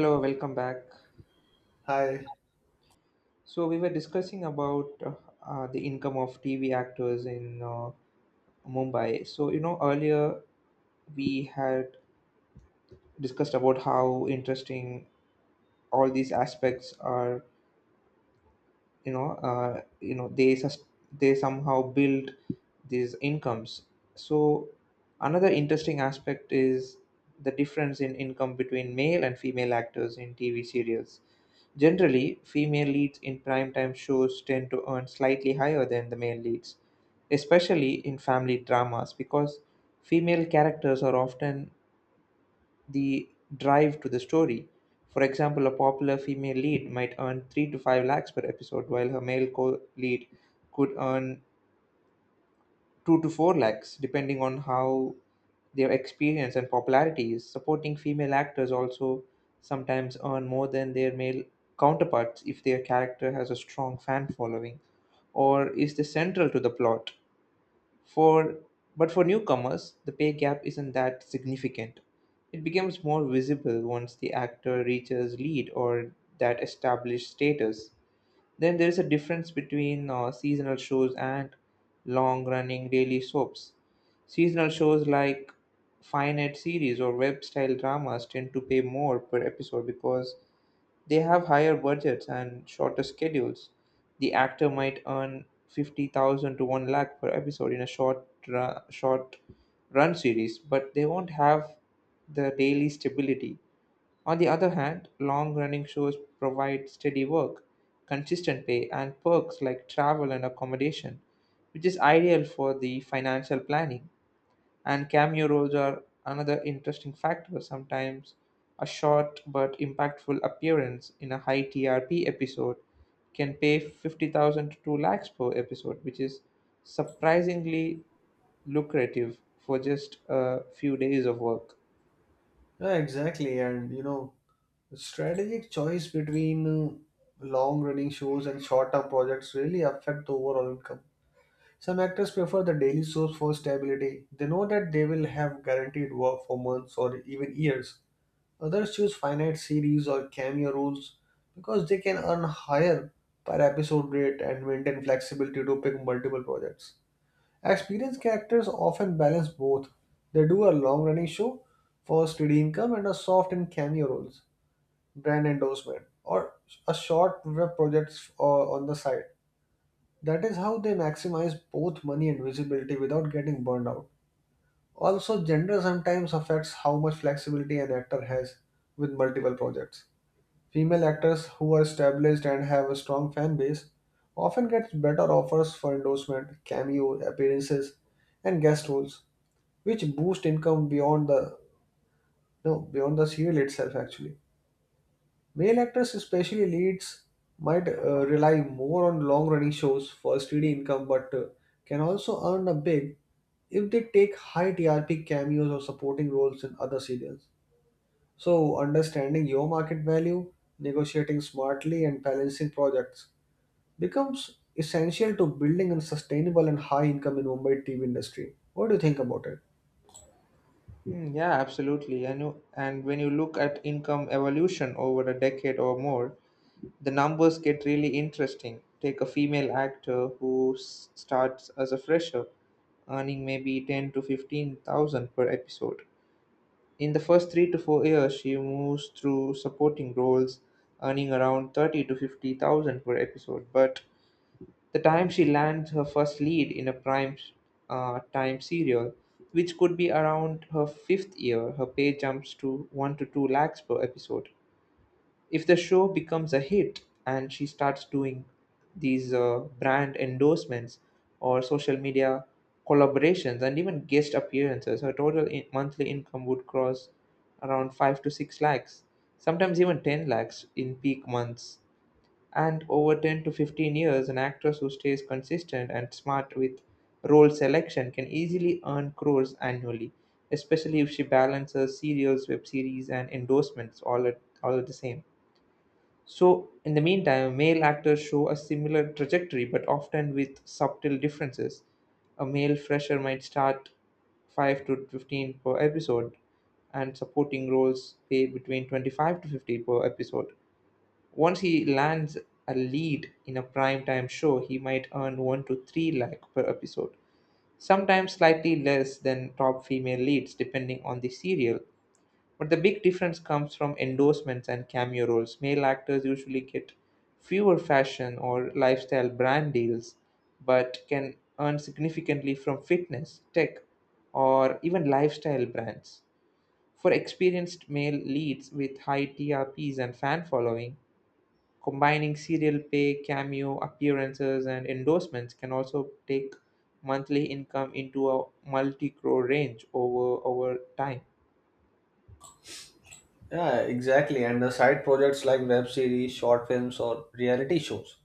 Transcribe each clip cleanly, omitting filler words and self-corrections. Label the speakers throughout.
Speaker 1: Hello, welcome back.
Speaker 2: Hi.
Speaker 1: So we were discussing about the income of TV actors in Mumbai. So earlier we had discussed about how interesting all these aspects are. You know, uh, you know they sus- they somehow build these incomes. So another interesting aspect is the difference in income between male and female actors in TV serials. Generally, female leads in primetime shows tend to earn slightly higher than the male leads, especially in family dramas, because female characters are often the drive to the story. For example, a popular female lead might earn 3 to 5 lakhs per episode, while her male co lead could earn 2 to 4 lakhs, depending on how their experience and popularity is. Supporting female actors also sometimes earn more than their male counterparts if their character has a strong fan following or is the central to the plot. For but for newcomers, the pay gap isn't that significant. It becomes more visible once the actor reaches lead or that established status. Then there is a difference between seasonal shows and long running daily soaps. Seasonal shows like finite series or web style dramas tend to pay more per episode because they have higher budgets and shorter schedules. The actor might earn 50,000 to 1 lakh per episode in a short run series, but they won't have the daily stability. On the other hand, long running shows provide steady work, consistent pay, and perks like travel and accommodation, which is ideal for the financial planning. And cameo roles are another interesting factor. Sometimes a short but impactful appearance in a high TRP episode can pay 50,000 to 2 lakhs per episode, which is surprisingly lucrative for just a few days of work.
Speaker 2: Yeah, exactly. And you know, strategic choice between long-running shows and short-term projects really affect the overall income. Some actors prefer the daily source for stability. They know that they will have guaranteed work for months or even years. Others choose finite series or cameo roles because they can earn higher per episode rate and maintain flexibility to pick multiple projects. Experienced characters often balance both. They do a long running show for steady income and a soft and cameo roles, brand endorsement, or a short web projects on the side. That is how they maximize both money and visibility without getting burned out. Also, gender sometimes affects how much flexibility an actor has with multiple projects. Female actors who are established and have a strong fan base often get better offers for endorsement, cameo appearances, and guest roles which boost income beyond the, no, beyond the serial itself. Actually, male actors, especially leads, might rely more on long running shows for steady income, but can also earn a big if they take high TRP cameos or supporting roles in other serials. So understanding your market value, negotiating smartly, and balancing projects becomes essential to building a sustainable and high income in Mumbai TV industry. What do you think about it?
Speaker 1: Mm, yeah, absolutely. And when you look at income evolution over a decade or more, the numbers get really interesting. Take a female actor who starts as a fresher, earning maybe 10 to 15,000 per episode. In the first 3 to 4 years, she moves through supporting roles, earning around 30 to 50,000 per episode. But the time she lands her first lead in a prime time serial, which could be around her fifth year, her pay jumps to 1 to 2 lakhs per episode. If the show becomes a hit and she starts doing these brand endorsements or social media collaborations and even guest appearances, her total monthly income would cross around 5 to 6 lakhs, sometimes even 10 lakhs in peak months. And over 10 to 15 years, an actress who stays consistent and smart with role selection can easily earn crores annually, especially if she balances serials, web series, and endorsements all at the same. So in the meantime, male actors show a similar trajectory, but often with subtle differences. A male fresher might start 5 to 15 per episode, and supporting roles pay between 25 to 50 per episode. Once he lands a lead in a primetime show, he might earn 1 to 3 lakh per episode, sometimes slightly less than top female leads depending on the serial. But the big difference comes from endorsements and cameo roles. Male actors usually get fewer fashion or lifestyle brand deals, but can earn significantly from fitness, tech, or even lifestyle brands. For experienced male leads with high TRPs and fan following, combining serial pay, cameo appearances, and endorsements can also take monthly income into a multi-crore range over time.
Speaker 2: Yeah, exactly. And the side projects like web series, short films, or reality shows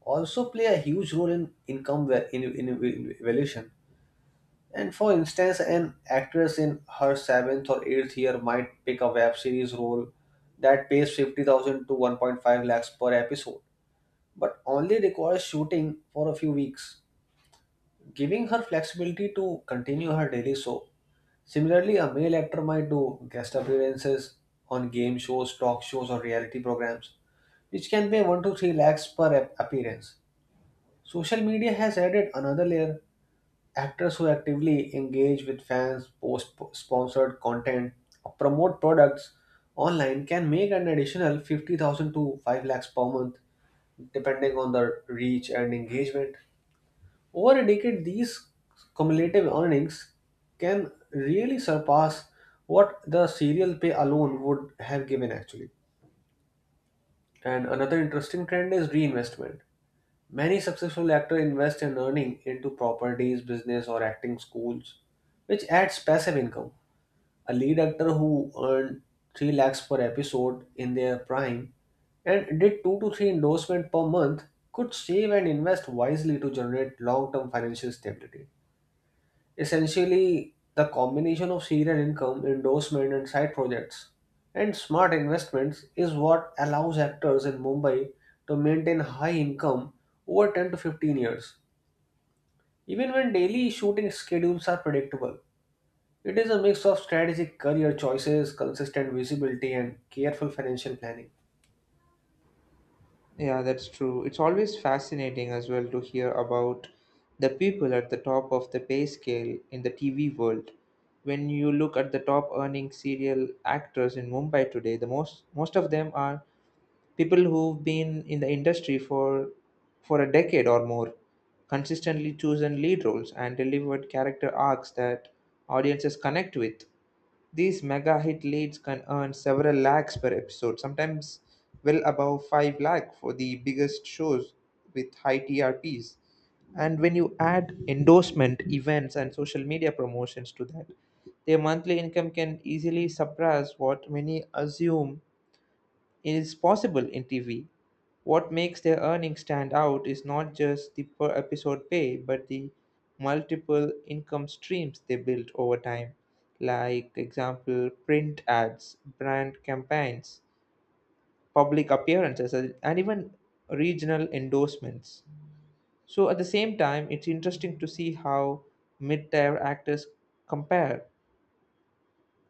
Speaker 2: also play a huge role in income va- in valuation. And for instance, an actress in her seventh or eighth year might pick a web series role that pays 50,000 to 1.5 lakhs per episode, but only requires shooting for a few weeks, giving her flexibility to continue her daily show. Similarly, a male actor might do guest appearances on game shows, talk shows, or reality programs which can pay 1 to 3 lakhs per appearance. Social media has added another layer. Actors who actively engage with fans, post sponsored content, or promote products online can make an additional 50,000 to 5 lakhs per month depending on the reach and engagement. Over a decade, these cumulative earnings can really surpass what the serial pay alone would have given, actually. And another interesting trend is reinvestment. Many successful actors invest in earning into properties, business, or acting schools, which adds passive income. A lead actor who earned 3 lakhs per episode in their prime and did 2 to 3 endorsements per month could save and invest wisely to generate long term financial stability. Essentially, the combination of serial income, endorsement, and side projects, and smart investments is what allows actors in Mumbai to maintain high income over 10 to 15 years. Even when daily shooting schedules are predictable, it is a mix of strategic career choices, consistent visibility, and careful financial planning.
Speaker 1: Yeah, that's true. It's always fascinating as well to hear about the people at the top of the pay scale in the TV world. When you look at the top earning serial actors in Mumbai today, the most most of them are people who've been in the industry for a decade or more, consistently chosen lead roles and delivered character arcs that audiences connect with. These mega hit leads can earn several lakhs per episode, sometimes well above 5 lakh for the biggest shows with high TRPs. And when you add endorsement events and social media promotions to that, their monthly income can easily surpass what many assume it is possible in TV. What makes their earnings stand out is not just the per episode pay, but the multiple income streams they built over time, like example print ads, brand campaigns, public appearances, and even regional endorsements. So at the same time, it's interesting to see how mid-tier actors compare.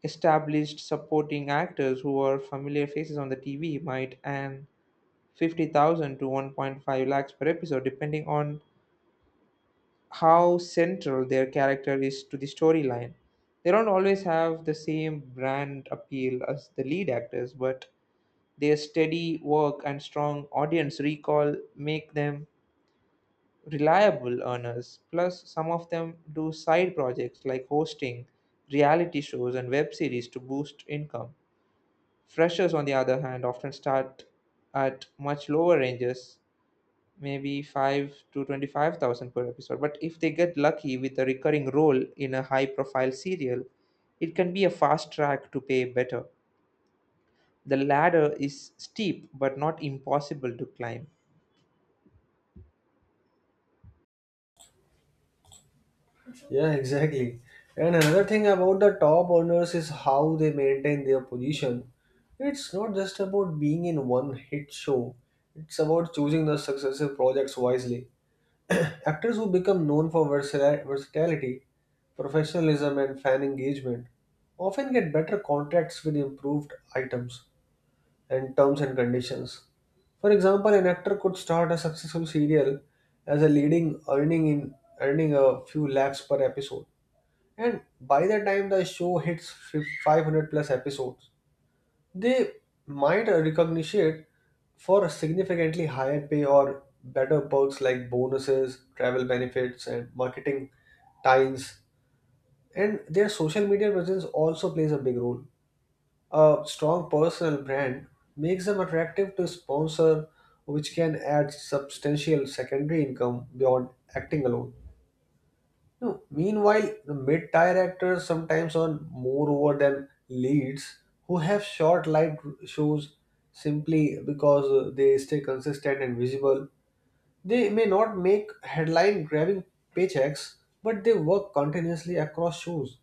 Speaker 1: Established supporting actors who are familiar faces on the TV might earn 50,000 to 1.5 lakhs per episode, depending on how central their character is to the storyline. They don't always have the same brand appeal as the lead actors, but their steady work and strong audience recall make them reliable earners. Plus, some of them do side projects like hosting, reality shows, and web series to boost income. Freshers, on the other hand, often start at much lower ranges, maybe 5 to 25,000 per episode. But if they get lucky with a recurring role in a high profile serial, it can be a fast track to pay better. The ladder is steep but not impossible to climb.
Speaker 2: Yeah, exactly. And another thing about the top earners is how they maintain their position. It's not just about being in one hit show, it's about choosing the successive projects wisely. Actors who become known for versatility, professionalism, and fan engagement often get better contracts with improved items and terms and conditions. For example, an actor could start a successful serial as a leading earning a few lakhs per episode, and by the time the show hits 500 plus episodes, they might recognition for a significantly higher pay or better perks like bonuses, travel benefits, and marketing ties. And their social media presence also plays a big role. A strong personal brand makes them attractive to sponsor, which can add substantial secondary income beyond acting alone. No, meanwhile, the mid-tier actors sometimes earn more over than leads who have short light shows simply because they stay consistent and visible. They may not make headline-grabbing paychecks, but they work continuously across shows,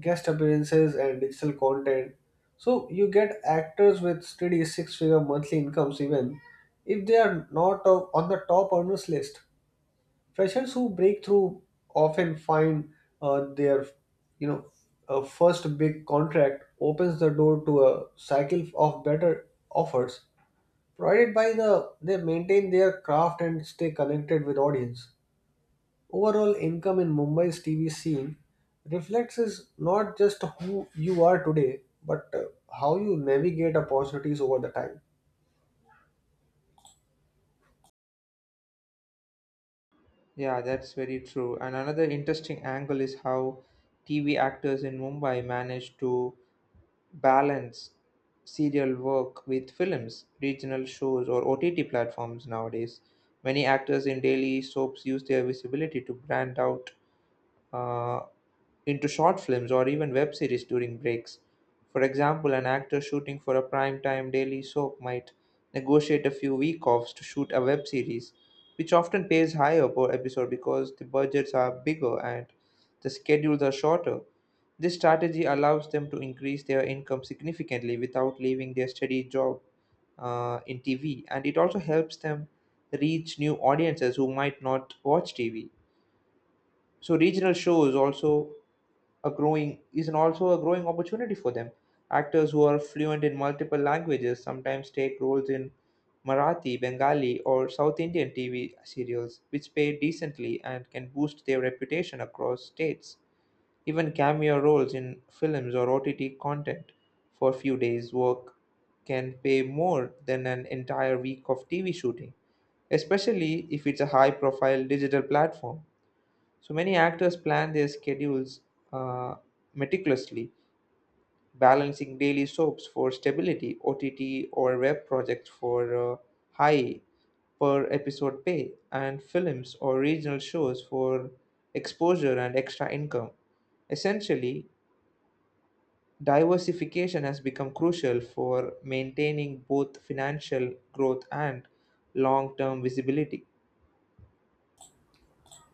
Speaker 2: guest appearances, and digital content. So you get actors with steady six-figure monthly incomes even if they are not on the top earners list. Freshers who break through often find their, you know, first big contract opens the door to a cycle of better offers, provided by the they maintain their craft and stay connected with audience. Overall income in Mumbai's TV scene reflects is not just who you are today, but how you navigate opportunities over the time.
Speaker 1: Yeah, that's very true. And another interesting angle is how TV actors in Mumbai manage to balance serial work with films, regional shows, or OTT platforms nowadays. Many actors in daily soaps use their visibility to brand out uh, into short films or even web series during breaks. For example, an actor shooting for a primetime daily soap might negotiate a few week offs to shoot a web series, which often pays higher per episode because the budgets are bigger and the schedules are shorter. This strategy allows them to increase their income significantly without leaving their steady job in TV, and it also helps them reach new audiences who might not watch TV. So, regional shows also a growing opportunity for them. Actors who are fluent in multiple languages sometimes take roles in Marathi, Bengali, or South Indian TV serials, which pay decently and can boost their reputation across states. Even cameo roles in films or OTT content for a few days' work can pay more than an entire week of TV shooting, especially if it's a high profile digital platform. So many actors plan their schedules uh, meticulously, balancing daily soaps for stability, OTT or web projects for high per episode pay, and films or regional shows for exposure and extra income. Essentially, diversification has become crucial for maintaining both financial growth and long term visibility.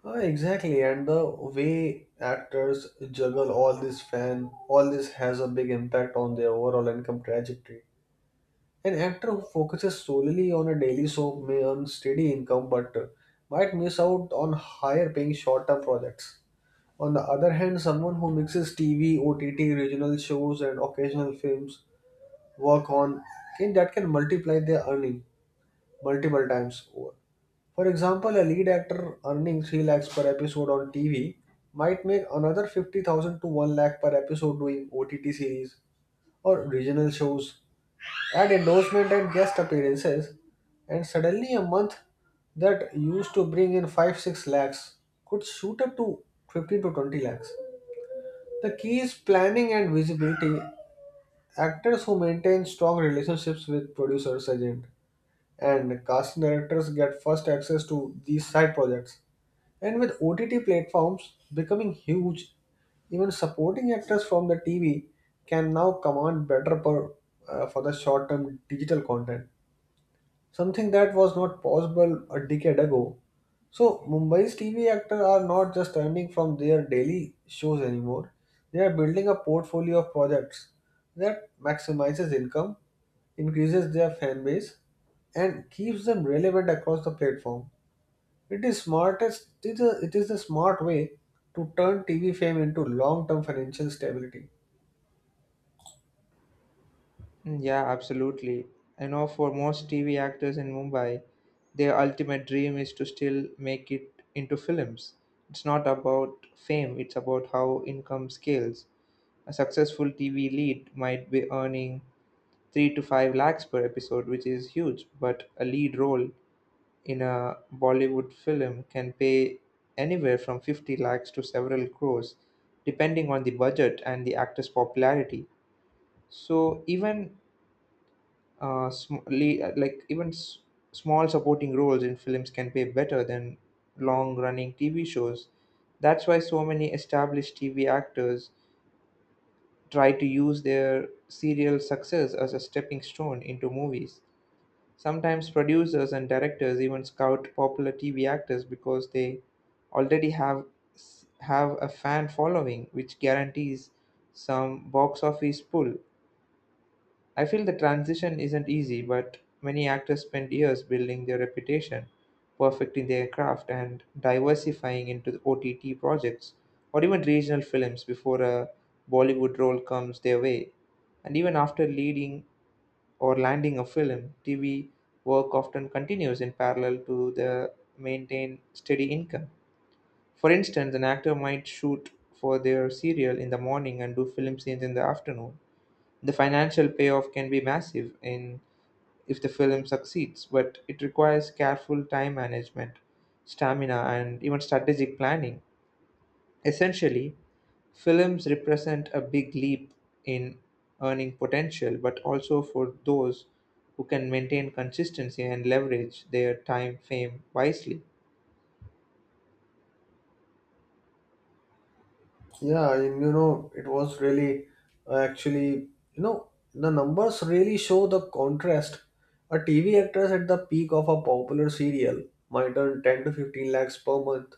Speaker 2: Exactly, and the way actors juggle all this has a big impact on their overall income trajectory. An actor who focuses solely on a daily soap may earn steady income, but might miss out on higher paying short term projects. On the other hand, someone who mixes TV, OTT, regional shows, and occasional films work on can multiply their earning multiple times. For example, a lead actor earning 3 lakhs per episode on TV might make another 50,000 to 1 lakh per episode doing OTT series or regional shows. Add endorsement and guest appearances, and suddenly a month that used to bring in 5 6 lakhs could shoot up to 15 to 20 lakhs. The key is planning and visibility. Actors who maintain strong relationships with producers, agent, and casting directors get first access to these side projects, and with OTT platforms becoming huge, even supporting actors from the TV can now command better for the short-term digital content, something that was not possible a decade ago. So Mumbai's TV actors are not just earning from their daily shows anymore; they are building a portfolio of projects that maximizes income, increases their fan base, and keeps them relevant across the platform. It is smartest. It is the smart way to turn TV fame into long-term financial stability.
Speaker 1: Mm, yeah, absolutely. I know, for most TV actors in Mumbai, their ultimate dream is to still make it into films. It's not about fame, it's about how income scales. A successful TV lead might be earning 3 to 5 lakhs per episode, which is huge, but a lead role in a Bollywood film can pay anywhere from 50 lakhs to several crores, depending on the budget and the actor's popularity. So even uh, sm- le- uh, like even s- small supporting roles in films can pay better than long running TV shows. That's why so many established TV actors try to use their serial success as a stepping stone into movies. Sometimes producers and directors even scout popular TV actors because they already have a fan following, which guarantees some box office pull. I feel the transition isn't easy, but many actors spend years building their reputation, perfecting their craft, and diversifying into OTT projects or even regional films before a Bollywood role comes their way. And even after leading or landing a film, TV work often continues in parallel to the maintain steady income. For instance, an actor might shoot for their serial in the morning and do film scenes in the afternoon. The financial payoff can be massive in if the film succeeds, but it requires careful time management, stamina, and even strategic planning. Essentially, films represent a big leap in earning potential, but also for those who can maintain consistency and leverage their time fame wisely.
Speaker 2: Yeah, and you know, it was really actually, the numbers really show the contrast. A TV actress at the peak of a popular serial might earn 10 to 15 lakhs per month,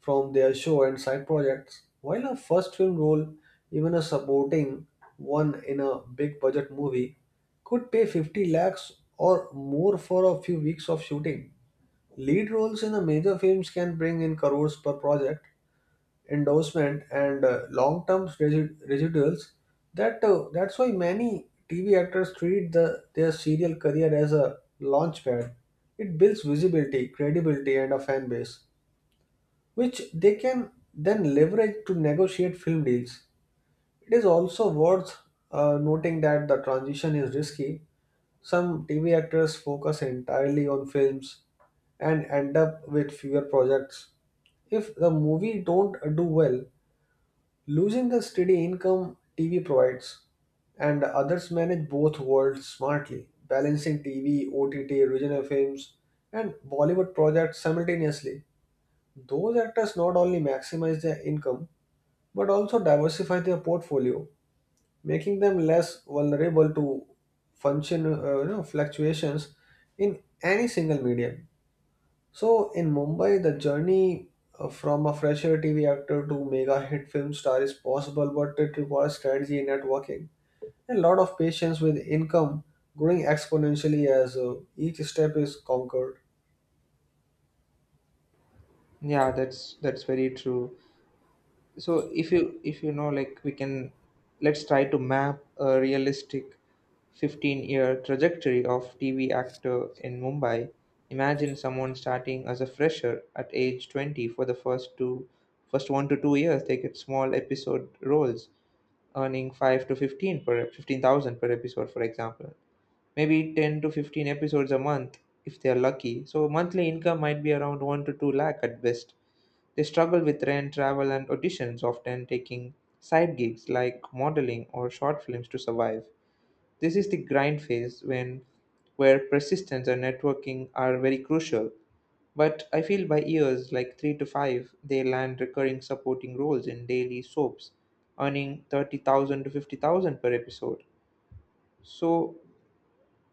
Speaker 2: from their show and side projects. While a first film role, even a supporting one in a big budget movie, could pay 50 lakhs or more for a few weeks of shooting. Lead roles in the major films can bring in crores per project, endorsement, and long-term residuals. That's why many TV actors treat their serial career as a launchpad. It builds visibility, credibility, and a fan base which they can then leverage to negotiate film deals. It is also worth noting that the transition is risky. Some TV actors focus entirely on films and end up with fewer projects. If the movie don't do well, losing the steady income TV provides, and others manage both worlds smartly, balancing TV, OTT, original films, and Bollywood projects simultaneously. Those actors not only maximize their income but also diversify their portfolio, making them less vulnerable to fluctuations in any single medium. So in Mumbai, the journey from a fresher TV actor to mega hit film star is possible, but it requires strategy, networking, and a lot of patience with income growing exponentially as each step is conquered.
Speaker 1: Yeah, that's very true. So if you know, like we can, let's try to map a realistic 15-year trajectory of TV actor in Mumbai. Imagine someone starting as a fresher at age 20. For the first 1 to 2 years, they get small episode roles earning 5 to 15 per 15,000 per episode, for example, maybe 10 to 15 episodes a month, if they are lucky. So monthly income might be around 1 to 2 lakh at best. They struggle with rent, travel, and auditions, often taking side gigs like modeling or short films to survive. This is the grind phase, when where persistence and networking are very crucial. But I feel by years like 3 to 5, they land recurring supporting roles in daily soaps, earning 30,000 to 50,000 per episode. So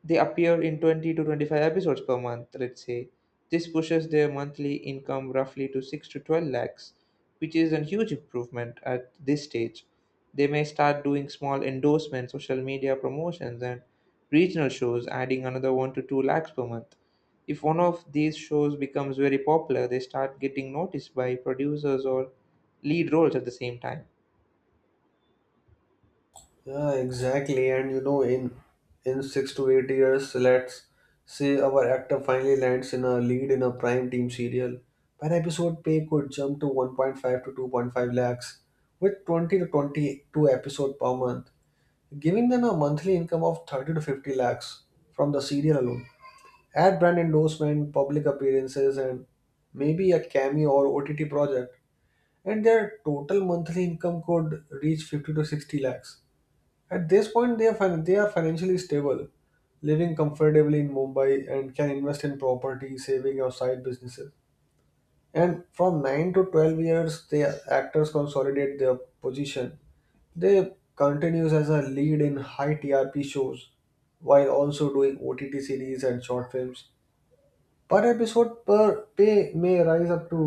Speaker 1: they appear in 20 to 25 episodes per month, let's say. This pushes their monthly income roughly to 6 to 12 lakhs, which is a huge improvement at this stage. They may start doing small endorsements, social media promotions, and regional shows, adding another 1 to 2 lakhs per month. If one of these shows becomes very popular, they start getting noticed by producers or lead roles at the same time.
Speaker 2: Yeah, exactly. And you know, in 6 to 8 years, let's say our actor finally lands in a lead in a prime team serial. Per episode pay could jump to 1.5 to 2.5 lakhs, with 20 to 22 episode per month, giving them a monthly income of 30 to 50 lakhs from the serial alone. Add brand endorsement, public appearances, and maybe a cameo or OTT project, and their total monthly income could reach 50 to 60 lakhs. At this point, they are financially stable, living comfortably in Mumbai and can invest in property, saving or side businesses. And from 9 to 12 years, the actors consolidate their position. They continues as a lead in high TRP shows while also doing OTT series and short films. Per episode per pay may rise up to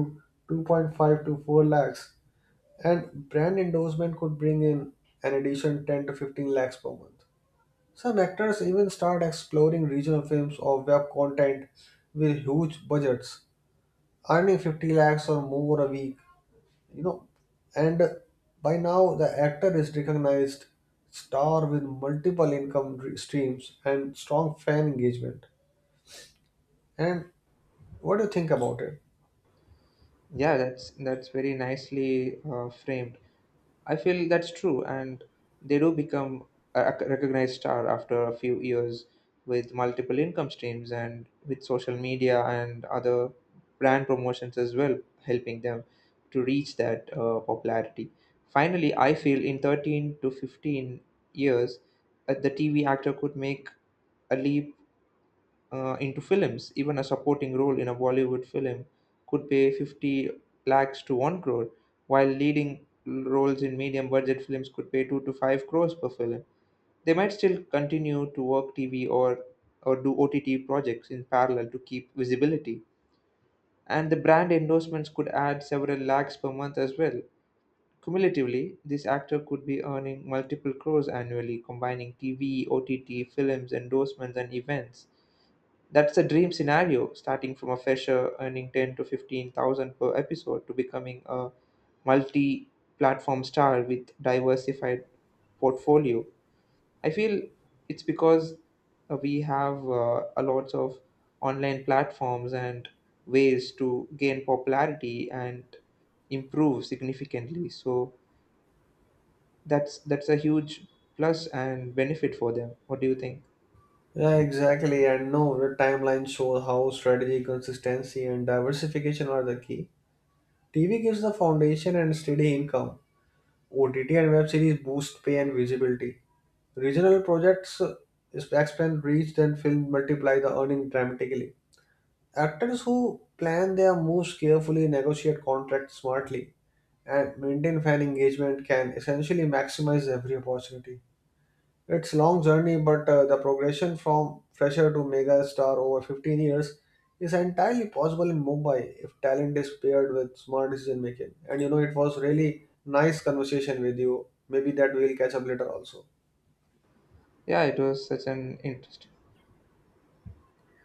Speaker 2: 2.5 to 4 lakhs, and brand endorsement could bring in an additional 10 to 15 lakhs per month. Some actors even start exploring regional films or web content with huge budgets, earning 50 lakhs or more a week. You know, and by now the actor is recognized star with multiple income streams and strong fan engagement. And what do you think about it?
Speaker 1: Yeah, that's very nicely framed. I feel that's true, and they do become a recognized star after a few years with multiple income streams and with social media and other brand promotions as well, helping them to reach that popularity. Finally, I feel in 13 to 15 years, the TV actor could make a leap into films. Even a supporting role in a Bollywood film could pay 50 lakhs to 1 crore, while leading roles in medium budget films could pay 2 to 5 crores per film. They might still continue to work TV or do OTT projects in parallel to keep visibility. And the brand endorsements could add several lakhs per month as well. Cumulatively, this actor could be earning multiple crores annually, combining TV, OTT, films, endorsements, and events. That's a dream scenario, starting from a fresher earning 10 to 15,000 per episode to becoming a multi-platform star with diversified portfolio. I feel it's because we have a lot of online platforms and ways to gain popularity and improve significantly. So that's a huge plus and benefit for them. What do you think?
Speaker 2: Yeah, exactly. And no, the timeline shows how strategy, consistency, and diversification are the key. TV gives the foundation and steady income, OTT and web series boost pay and visibility. Regional projects expand reach and film multiply the earning dramatically. Actors who plan their moves carefully, negotiate contracts smartly, and maintain fan engagement can essentially maximize every opportunity. It's long journey, but the progression from fresher to mega star over 15 years is entirely possible in Mumbai if talent is paired with smart decision making. And you know, it was really nice conversation with you. Maybe that we'll catch up later also.
Speaker 1: Yeah, it was such an interesting